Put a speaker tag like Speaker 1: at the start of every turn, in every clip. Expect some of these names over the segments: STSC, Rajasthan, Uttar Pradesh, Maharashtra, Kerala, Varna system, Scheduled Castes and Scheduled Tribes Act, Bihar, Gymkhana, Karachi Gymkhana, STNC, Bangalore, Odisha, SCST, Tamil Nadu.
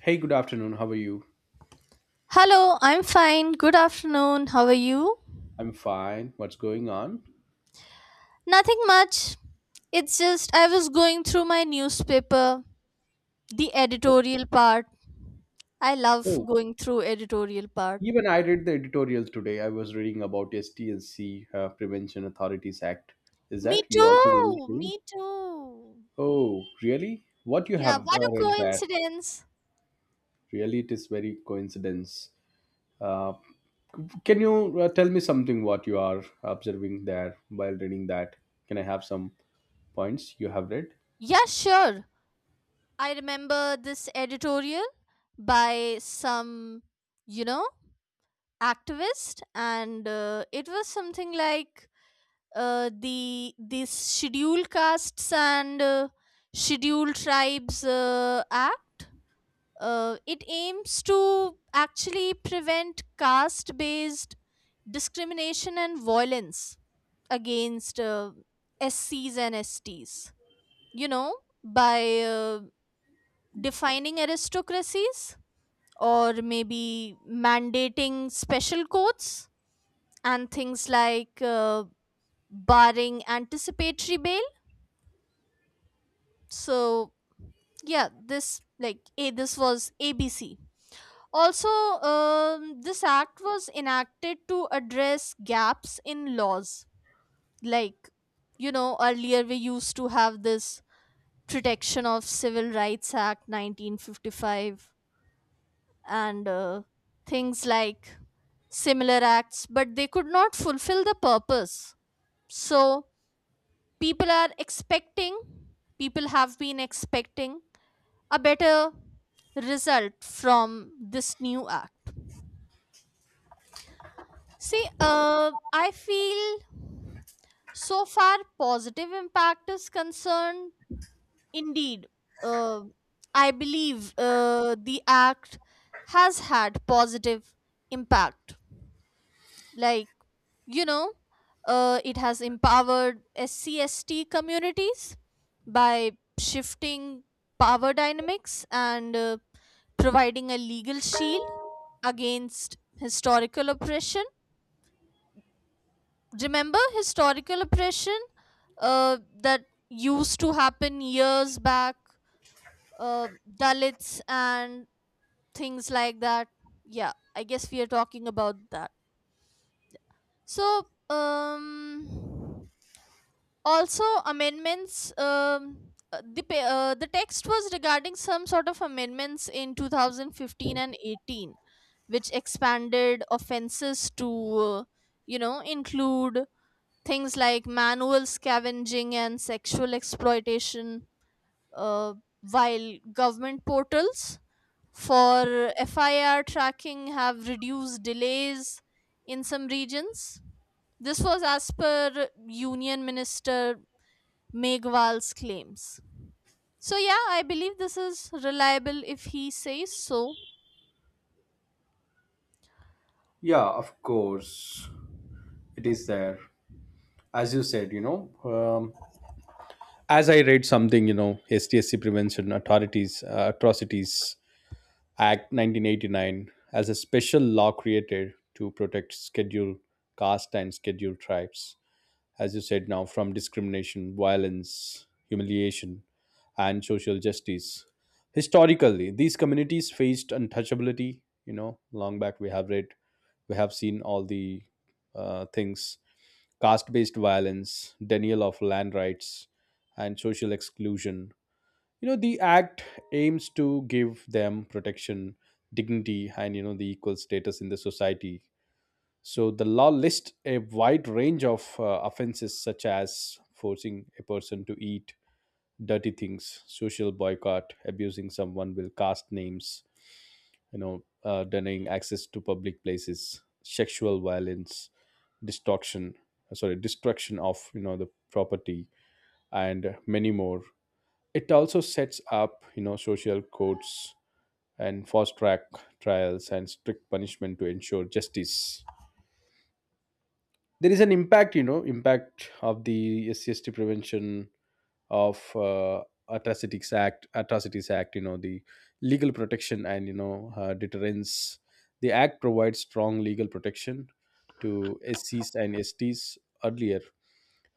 Speaker 1: Hey, good afternoon. How are you?
Speaker 2: Hello, I'm fine. Good afternoon. How are you?
Speaker 1: I'm fine. What's going on?
Speaker 2: Nothing much. It's just I was going through my newspaper, the editorial part. I love
Speaker 1: Oh,
Speaker 2: going through editorial part.
Speaker 1: even I read the editorial today. I was reading about STNC Prevention Authorities Act. Is
Speaker 2: Me
Speaker 1: that you also reading
Speaker 2: too.
Speaker 1: the same?
Speaker 2: Me too.
Speaker 1: Oh, really? What you
Speaker 2: Yeah,
Speaker 1: have
Speaker 2: what a
Speaker 1: read that?
Speaker 2: coincidence.
Speaker 1: Really, it is very coincidence. Uh, can you tell me something what you are observing there while reading that? Can I have some points you have read?
Speaker 2: Yeah, sure. I remember this editorial by some, you know, activist and it was something like the this Schedule castes and scheduled tribes act it aims to actually prevent caste based discrimination and violence against SCs and STs, you know, by defining aristocracies or maybe mandating special courts and things like barring anticipatory bail. So, yeah, this like a this was abc also. This act was enacted to address gaps in laws, like you know, earlier we used to have this protection of civil rights act 1955, and things like similar acts, but they could not fulfill the purpose. So people are expecting, people have been expecting a better result from this new act. See, I feel so far positive impact is concerned. Indeed, uh, I believe the act has had positive impact, like you know, it has empowered scst communities by shifting power dynamics and providing a legal shield against historical oppression. Remember historical oppression that used to happen years back, uh, dalits and things like that. Yeah, I guess we are talking about that. so um Also amendments, the text was regarding some sort of amendments in 2015 and 18, which expanded offenses to uh, include things like manual scavenging and sexual exploitation, uh, while government portals for FIR tracking have reduced delays in some regions. This was as per union minister Megwal's claims. So, yeah, I believe this is reliable if he says so.
Speaker 1: Yeah, of course. It is there. As you said, you know, um, as I read something, you know, STSC Prevention Authorities Atrocities Act 1989 as a special law created to protect scheduled caste and scheduled tribes as you said now, from discrimination, violence, humiliation, and social justice. Historically, these communities faced untouchability. You know, long back we have read, we have seen all the things, caste based violence, denial of land rights, and social exclusion. You know, the act aims to give them protection, dignity, and you know, the equal status in the society. So the law lists a wide range of offenses such as forcing a person to eat dirty things, social boycott, abusing someone will cast names, you know, denying access to public places, sexual violence, destruction, destruction of you know the property, and many more. It also sets up you know social courts and fast track trials and strict punishment to ensure justice. There is an impact, you know, impact of the SCST prevention of atrocities act, atrocities act, you know, the legal protection and you know deterrence. The act provides strong legal protection to SCs and STs. Earlier,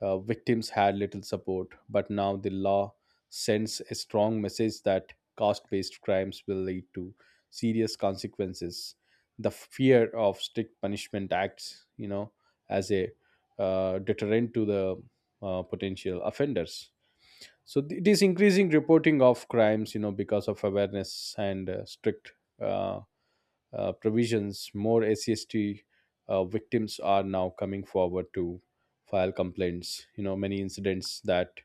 Speaker 1: victims had little support, but now the law sends a strong message that caste based crimes will lead to serious consequences. The fear of strict punishment acts, you know, as a deterrent to the potential offenders. So it is increasing reporting of crimes, you know, because of awareness and strict uh, provisions. More ACST victims are now coming forward to file complaints. You know, many incidents that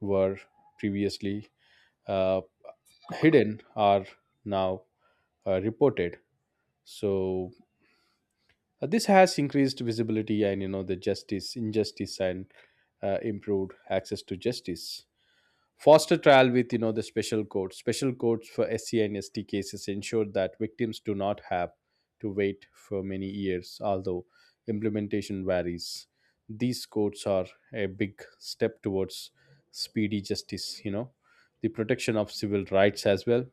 Speaker 1: were previously uh, hidden are now reported. So this has increased visibility and you know the justice, injustice, and improved access to justice. Foster trial with you know the special courts. Special courts for SC and ST cases ensure that victims do not have to wait for many years, although implementation varies. These courts are a big step towards speedy justice, you know, the protection of civil rights as well.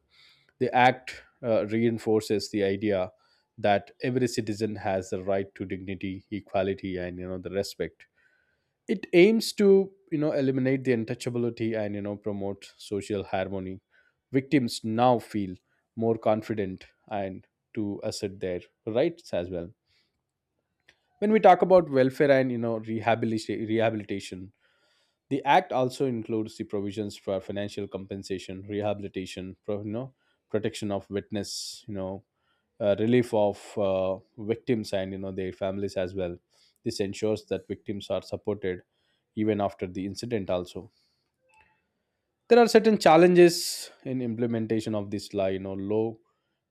Speaker 1: The act reinforces the idea that every citizen has the right to dignity, equality, and you know the respect. It aims to you know eliminate the untouchability and you know promote social harmony. Victims now feel more confident and to assert their rights as well. When we talk about welfare and you know rehabilitation, rehabilitation, the act also includes the provisions for financial compensation, rehabilitation you know protection of witness, you know, relief of victims and you know their families as well. This ensures that victims are supported even after the incident also. There are certain challenges in implementation of this law, you know, low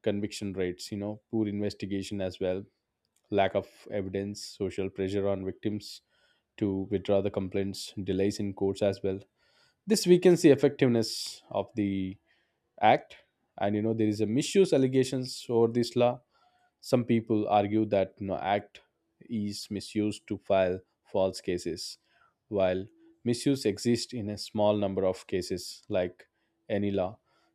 Speaker 1: conviction rates, you know, poor investigation as well, lack of evidence, social pressure on victims to withdraw the complaints, delays in courts as well. This weakens the effectiveness of the act. And you know there is a misuse allegations over this law. Some people argue that you know, Act is misused to file false cases, while misuse exists in a small number of cases, like any law.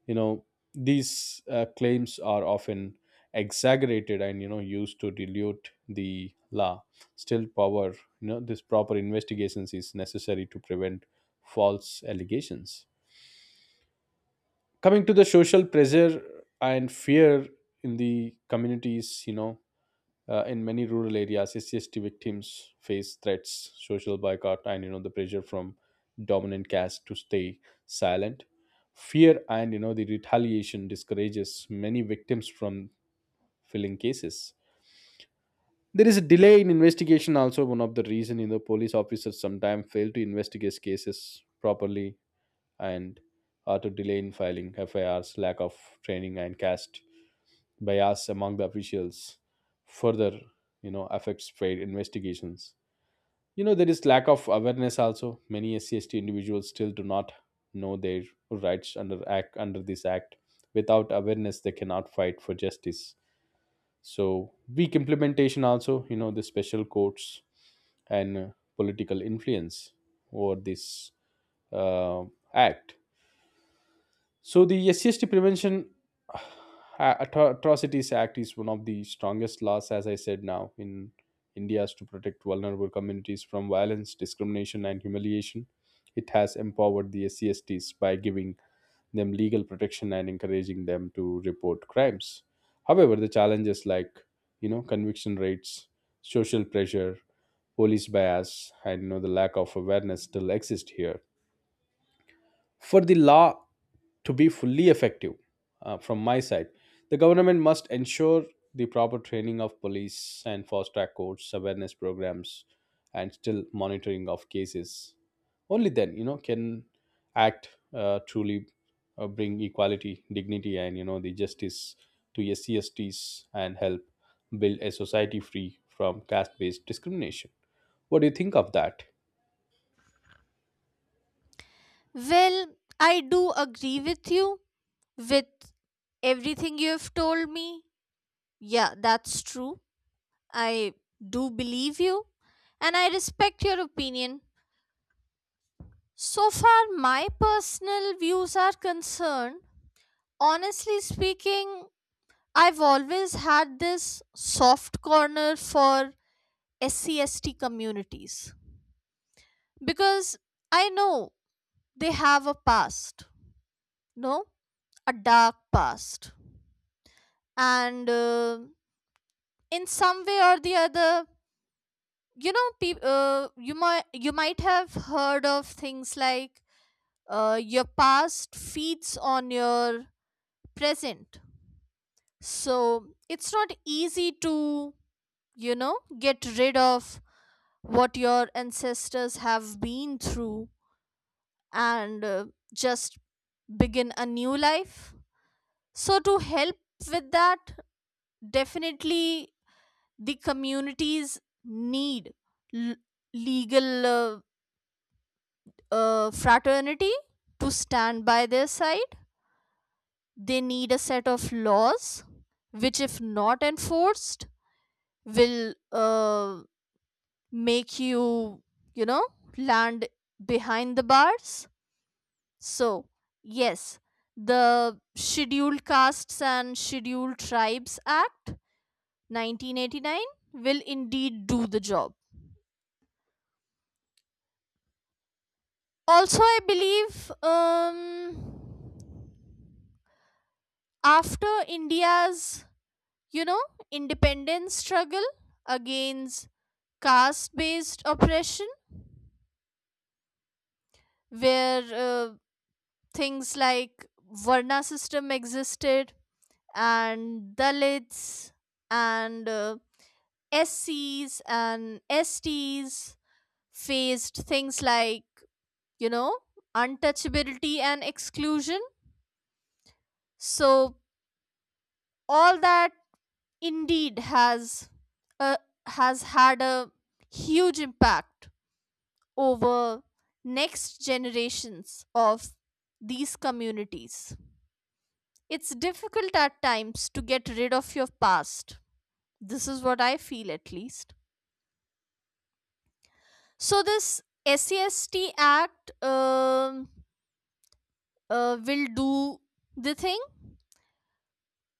Speaker 1: You know, these claims are often exaggerated and you know used to dilute the law. Still, power, you know, this proper investigations is necessary to prevent false allegations. Coming to the social pressure and fear in the communities, you know, in many rural areas SCST victims face threats, social boycott and you know the pressure from dominant castes to stay silent. Fear and you know the retaliation discourages many victims from filing cases. There is a delay in investigation also, one of the reason, you know, police officers sometimes fail to investigate cases properly and are to delay in filing FIRs, lack of training and caste bias among the officials further you know affects trade investigations. You know, there is lack of awareness also, many SCST individuals still do not know their rights under act, under this act. Without awareness they cannot fight for justice. So weak implementation also, you know, the special courts and political influence over this uh, act. So the SCST Prevention Atrocities Act is one of the strongest laws, as I said now, in India, to protect vulnerable communities from violence, discrimination, and humiliation. It has empowered the SCSTs by giving them legal protection and encouraging them to report crimes. However, the challenges like you know conviction rates, social pressure, police bias, and you know the lack of awareness still exist here. For the law to be fully effective, from my side, the government must ensure the proper training of police and fast track courts, awareness programs, and still monitoring of cases. Only then, you know, can act truly bring equality, dignity, and you know the justice to SCSTs and help build a society free from caste-based discrimination. What do you think of that?
Speaker 2: Well, I do agree with you with everything you have told me. Yeah, that's true. I do believe you, and I respect your opinion. So far, my personal views are concerned. Honestly speaking, I've always had this soft corner for SCST communities because I know they have a past, no, a dark past, and in some way or the other, you know, peop you might have heard of things like your past feeds on your present, so it's not easy to, you know, get rid of what your ancestors have been through and just begin a new life. So, to help with that, definitely the communities need l- legal fraternity to stand by their side. They need a set of laws which, if not enforced, will make you, you know, land behind the bars. So, yes, the Scheduled Castes and Scheduled Tribes Act 1989 will indeed do the job. Also, I believe after India's, you know, independence struggle against caste based oppression, where things like Varna system existed, and Dalits and SCs and STs faced things like, you know, untouchability and exclusion. So all that indeed has uh, had a huge impact over next generations of these communities. It's difficult at times to get rid of your past. This is what I feel, at least. So this sest act will do the thing.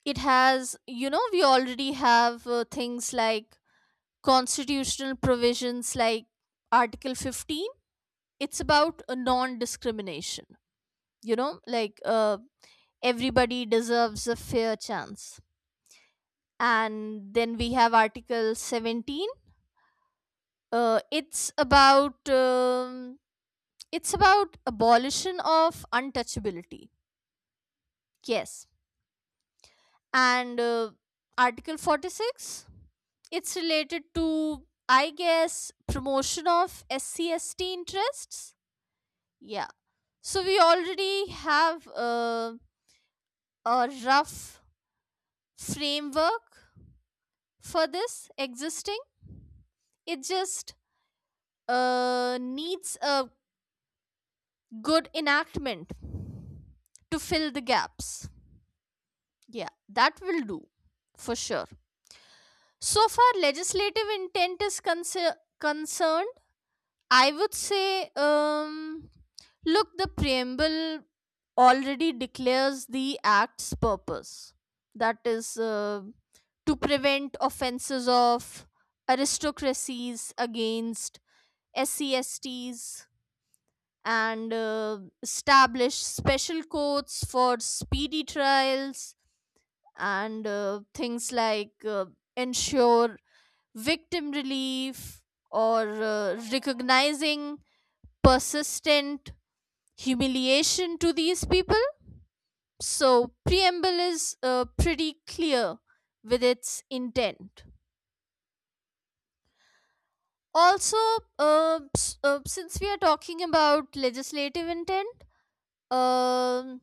Speaker 2: It has, you know, we already have things like constitutional provisions like article 15. It's about a non-discrimination, you know, like everybody deserves a fair chance. And then we have article 17, uh, it's about um, it's about abolition of untouchability. Yes. And article 46, it's related to, I guess, promotion of scst interests. Yeah. So we already have a rough framework for this existing. It just needs a good enactment to fill the gaps. Yeah, that will do for sure. So far, legislative intent is concerned, I would say, look, the preamble already declares the act's purpose. That is, to prevent offenses of aristocracies against SCSTs, and establish special courts for speedy trials, and things like ensure victim relief, or recognizing persistent humiliation to these people. So, preamble is pretty clear with its intent. Also, since we are talking about legislative intent, um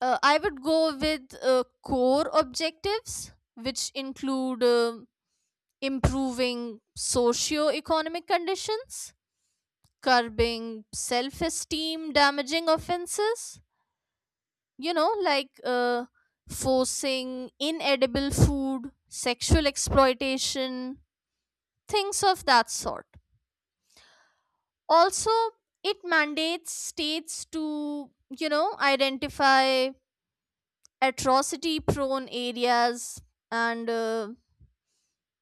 Speaker 2: I would go with core objectives, which include improving socio-economic conditions, curbing self-esteem damaging offenses, you know, like forcing inedible food, sexual exploitation, things of that sort. Also, it mandates states to, you know, identify atrocity prone areas, and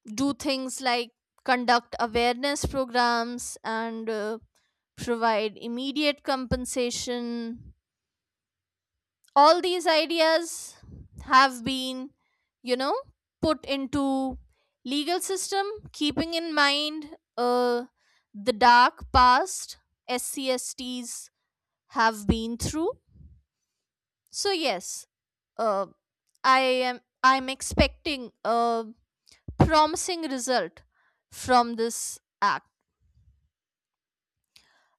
Speaker 2: do things like conduct awareness programs and provide immediate compensation. All these ideas have been, you know, put into legal system keeping in mind uh, the dark past scsts have been through. So yes, uh, I'm expecting a promising result from this act.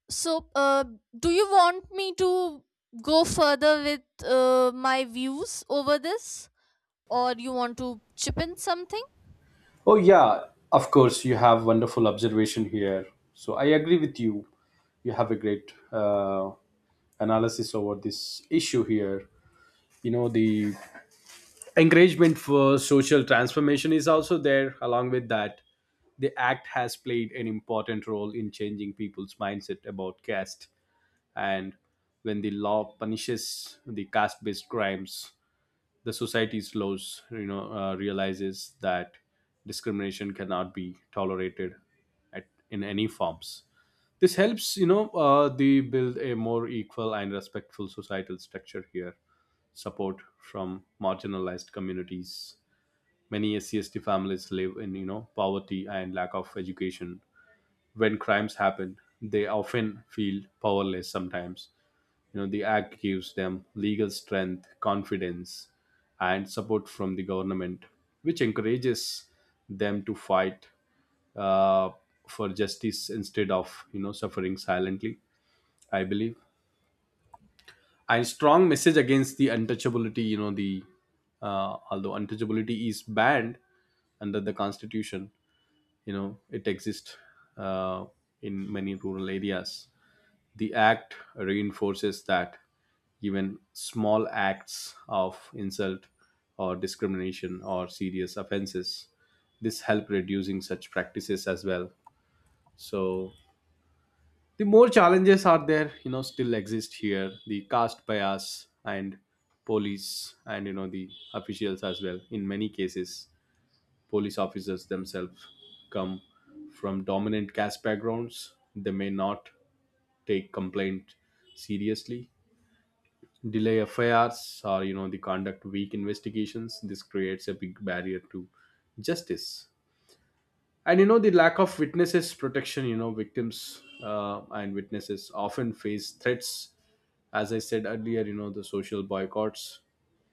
Speaker 2: So do you want me to go further with my views over this, or you want to chip in something?
Speaker 1: Oh, yeah, of course, you have wonderful observation here. So I agree with you. You have a great analysis over this issue here. You know, the encouragement for social transformation is also there, along with that. The act has played an important role in changing people's mindset about caste. And when the law punishes the caste based crimes, the society slows you know realizes that discrimination cannot be tolerated at, in any forms. This helps you know the build a more equal and respectful societal structure here, support from marginalized communities. Many SCST families live in you know poverty and lack of education. When crimes happen they often feel powerless sometimes. You know, the act gives them legal strength, confidence, and support from the government, which encourages them to fight uh, for justice instead of you know suffering silently. I believe, and strong message against the untouchability. You know, the although untouchability is banned under the constitution, you know it exists uh, in many rural areas. The act reinforces that even small acts of insult or discrimination or serious offenses. This help reducing such practices as well. So the more challenges are there, you know, still exist here, the caste bias and police and you know the officials as well. In many cases police officers themselves come from dominant caste backgrounds, they may not take complaint seriously, delay affairs or you know they conduct weak investigations. This creates a big barrier to justice. And you know the lack of witnesses protection, you know, victims and witnesses often face threats as I said earlier, you know, the social boycotts.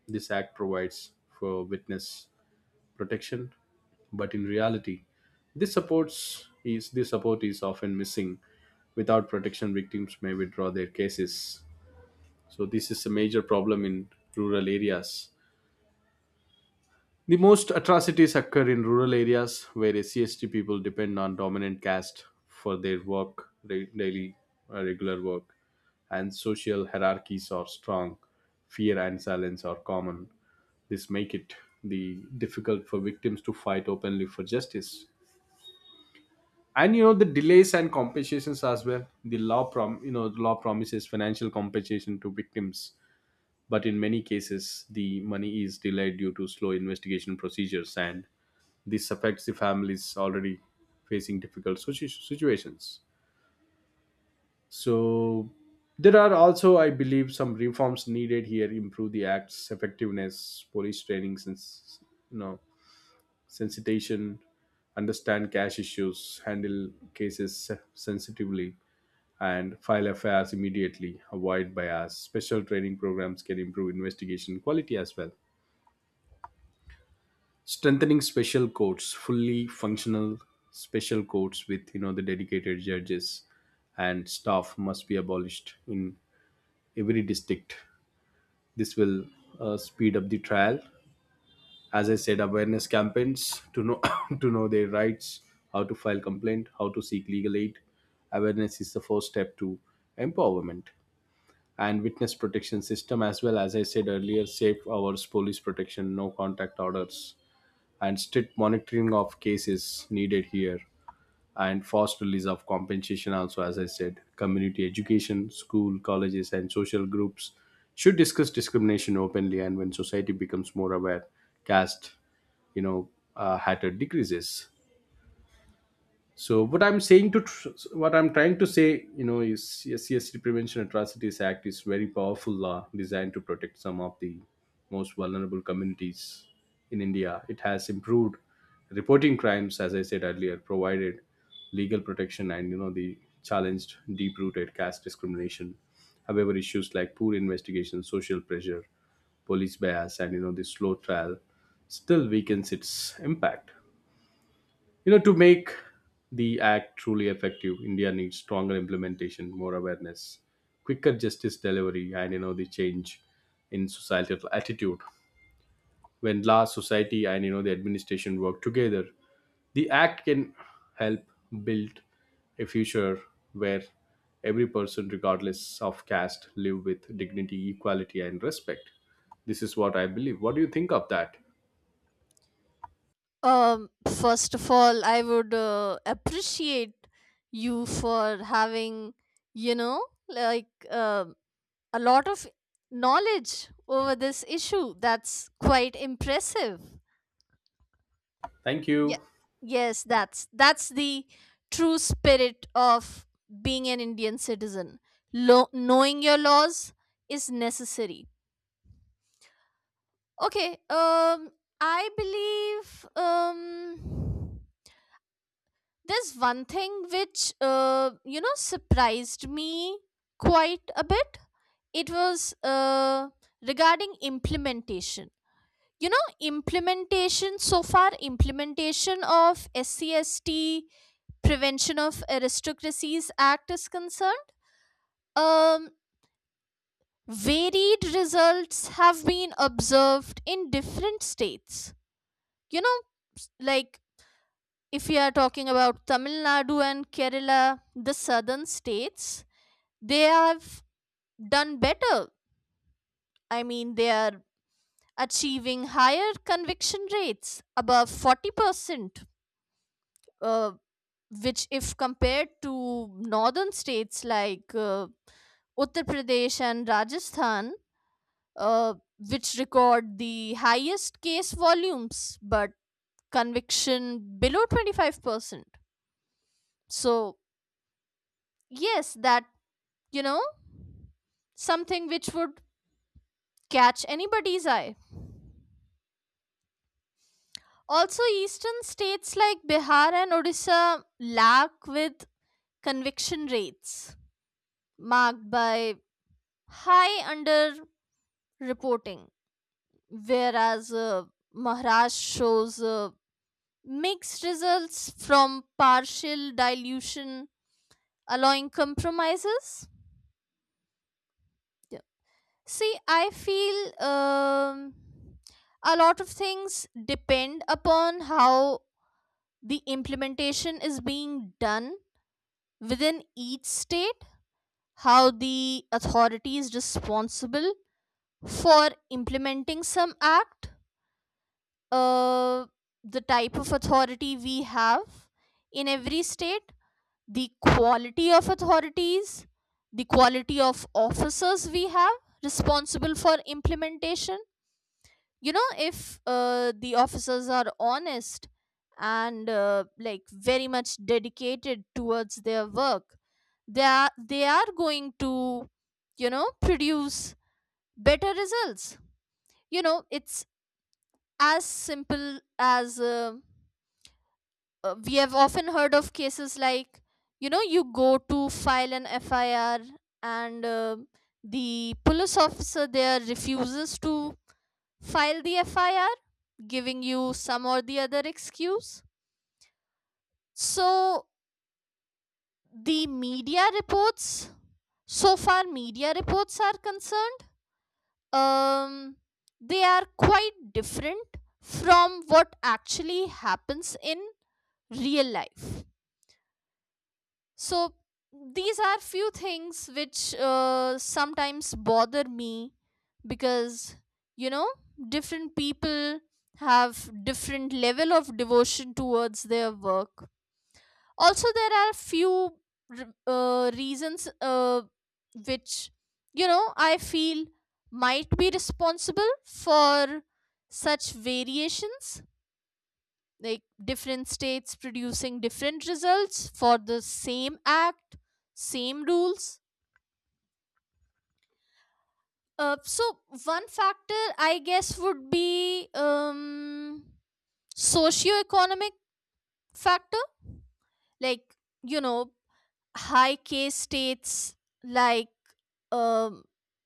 Speaker 1: This act provides for witness protection, but in reality this support is often missing. Without protection victims may withdraw their cases. So this is a major problem in rural areas. The most atrocities occur in rural areas where SCST people depend on dominant caste for their work, re- daily regular work, and social hierarchies are strong. Fear and silence are common. This make it the difficult for victims to fight openly for justice. And you know the delays and compensations as well. The law prom You know the law promises financial compensation to victims, but in many cases the money is delayed due to slow investigation procedures, and this affects the families already facing difficult situations. So there are also I believe some reforms needed here, improve the act's effectiveness, police training since you know sensitization, understand cash issues, handle cases sensitively and file affairs immediately, avoid bias. Special training programs can improve investigation quality as well. Strengthening special courts, fully functional special courts with you know the dedicated judges and staff must be abolished in every district. This will speed up the trial. As I said, awareness campaigns to know to know their rights, how to file complaint, how to seek legal aid. Awareness is the first step to empowerment. And witness protection system as well, as I said earlier, safe hours, police protection, no contact orders, and strict monitoring of cases needed here, and fast release of compensation also, as I said, community education, school, colleges and social groups should discuss discrimination openly, and when society becomes more aware, caste, you know, hatred decreases. So what I'm saying, what I'm trying to say, you know, is yes, CSD Prevention Atrocities Act is very powerful law designed to protect some of the most vulnerable communities in India. It has improved reporting crimes, as I said earlier, provided legal protection and you know the challenged deep rooted caste discrimination. However, issues like poor investigation, social pressure, police bias, and you know the slow trial still weakens its impact. You know, to make the act truly effective, India needs stronger implementation, more awareness, quicker justice delivery, and you know the change in societal attitude. When law, society, and you know the administration work together, the act can help build a future where every person, regardless of caste, live with dignity, equality, and respect. This is what I believe. What do you think of that?
Speaker 2: Um, First of all, I would appreciate you for having, you know, like a lot of knowledge over this issue. That's quite impressive.
Speaker 1: Thank
Speaker 2: Yeah.
Speaker 1: you.
Speaker 2: Yes, that's the true spirit of being an Indian citizen. Knowing your laws is necessary. Okay. I believe. There's one thing which, you know, surprised me quite a bit. It was regarding implementation. You know, implementation, so far, implementation of SCST Prevention of Aristocracies Act is concerned. Um, Varied results have been observed in different states. You know, like if we are talking about Tamil Nadu and Kerala, the southern states, they have done better. I mean, they are achieving higher conviction rates above 40%, uh, which, if compared to northern states like Uttar Pradesh and Rajasthan, which record the highest case volumes but conviction below 25%. So, yes, that, you know, something which would catch anybody's eye. Also, eastern states like Bihar and Odisha lack with conviction rates marked by high underreporting, whereas Maharashtra shows mixed results from partial dilution allowing compromises. Yeah. See, I feel a lot of things depend upon how the implementation is being done within each state, how the authority is responsible for implementing some act, uh, the type of authority we have in every state, the quality of authorities, the quality of officers we have responsible for implementation. You know, if the officers are honest and like very much dedicated towards their work, they are going to, you know, produce better results. You know, it's as simple as we have often heard of cases like, you know, you go to file an fir, and the police officer there refuses to file the FIR, giving you some or the other excuse. So, the media reports, so far, media reports are concerned, um, they are quite different from what actually happens in real life. So these are few things which sometimes bother me because, you know, different people have different level of devotion towards their work. Also, there are few reasons which, you know, I feel might be responsible for such variations, like different states producing different results for the same act, same rules. So one factor, I guess, would be socioeconomic factor, like, you know, high case states like um,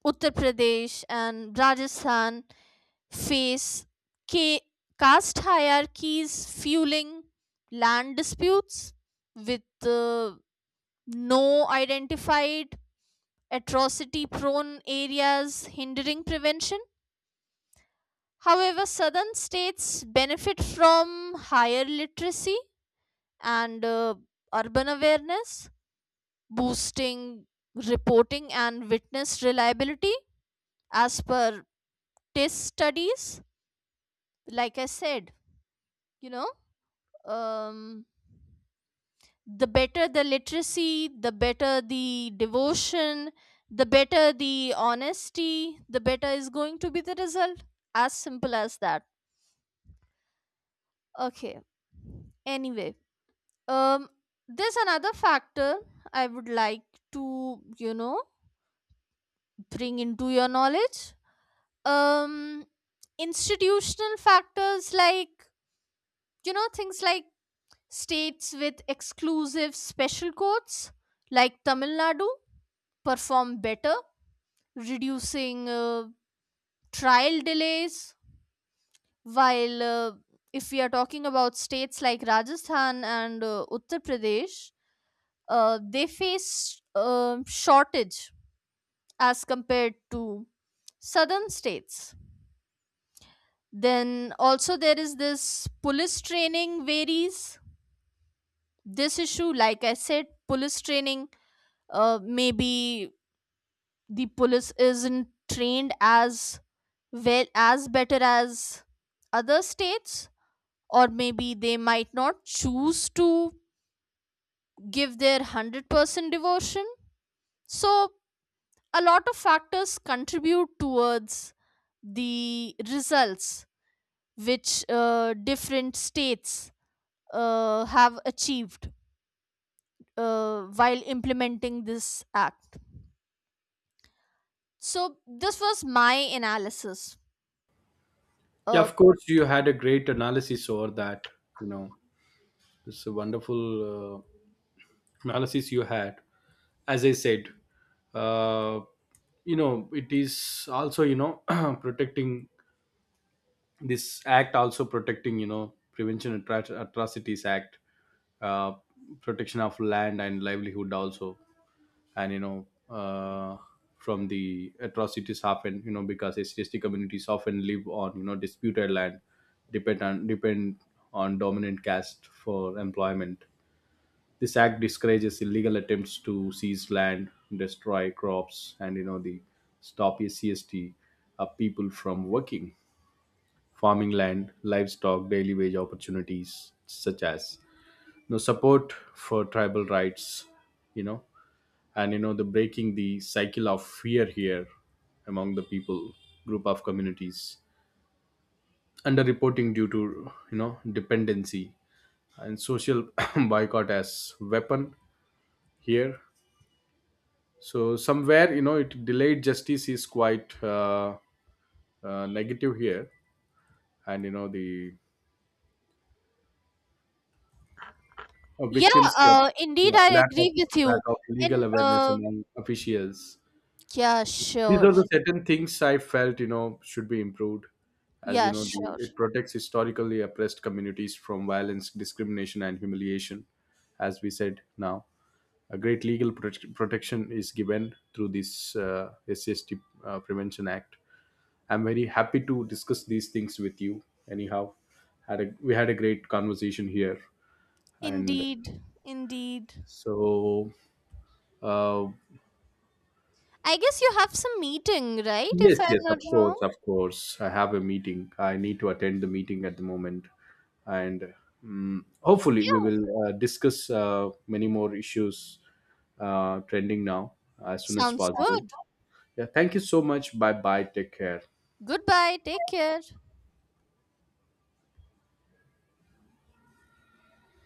Speaker 2: uttar pradesh and rajasthan face ca- caste hierarchies fueling land disputes with no identified atrocity prone areas, hindering prevention. However, southern states benefit from higher literacy and urban awareness, boosting reporting and witness reliability as per test studies. Like I said, you know, um, the better the literacy, the better the devotion, the better the honesty, the better is going to be the result. As simple as that. Okay. Anyway, um, there's another factor I would like to, you know, bring into your knowledge. Um, Institutional factors like, you know, things like states with exclusive special codes like Tamil Nadu perform better, reducing trial delays, while if we are talking about states like rajasthan and uttar pradesh, they face shortage as compared to southern states. Then also there is this police training varies. This issue, like I said, police training, maybe the police isn't trained as well as better as other states, or maybe they might not choose to give their 100% devotion. So, a lot of factors contribute towards the results which different states have achieved while implementing this act. So, this was my analysis.
Speaker 1: Yeah,
Speaker 2: Uh,
Speaker 1: of course, you had a great analysis over that. You know. It's a wonderful uh, analysis you had. As I said, uh, you know, it is also you know protecting this act, also protecting you know Prevention of Atrocities Act, uh, protection of land and livelihood also, and you know from the atrocities happen. You know because STST communities often live on you know disputed land, depend on dominant caste for employment. This act discourages illegal attempts to seize land, destroy crops, and you know the stop ACST people from working, farming land, livestock, daily wage opportunities, such as you know, support for tribal rights, you know, and you know the breaking the cycle of fear here among the people, group of communities, underreporting due to you know dependency and social boycott as weapon here. So somewhere you know it delayed justice is quite negative here and you know the
Speaker 2: yeah,
Speaker 1: victims get, yeah,
Speaker 2: indeed, I agree with
Speaker 1: lack
Speaker 2: you.
Speaker 1: of legal
Speaker 2: And
Speaker 1: awareness among officials.
Speaker 2: yeah,
Speaker 1: These are
Speaker 2: sure.
Speaker 1: the certain things I felt you know should be improved. As you
Speaker 2: Yeah,
Speaker 1: know
Speaker 2: sure.
Speaker 1: the, it protects historically oppressed communities from violence, discrimination and humiliation. As we said now, a great legal protect protection is given through this SCST prevention act. I'm very happy to discuss these things with you. Anyhow, we had a great conversation here, and
Speaker 2: Indeed. Indeed.
Speaker 1: so uh,
Speaker 2: I guess you have some meeting, right?
Speaker 1: yes,
Speaker 2: If I'm
Speaker 1: yes,
Speaker 2: not
Speaker 1: of course,
Speaker 2: wrong.
Speaker 1: of course. I have a meeting. I need to attend the meeting at the moment, and hopefully we
Speaker 2: Yeah.
Speaker 1: will discuss many more issues trending now as soon as
Speaker 2: Sounds
Speaker 1: possible.
Speaker 2: good.
Speaker 1: Yeah, thank you so much. Bye bye. Take care.
Speaker 2: Goodbye. Take care.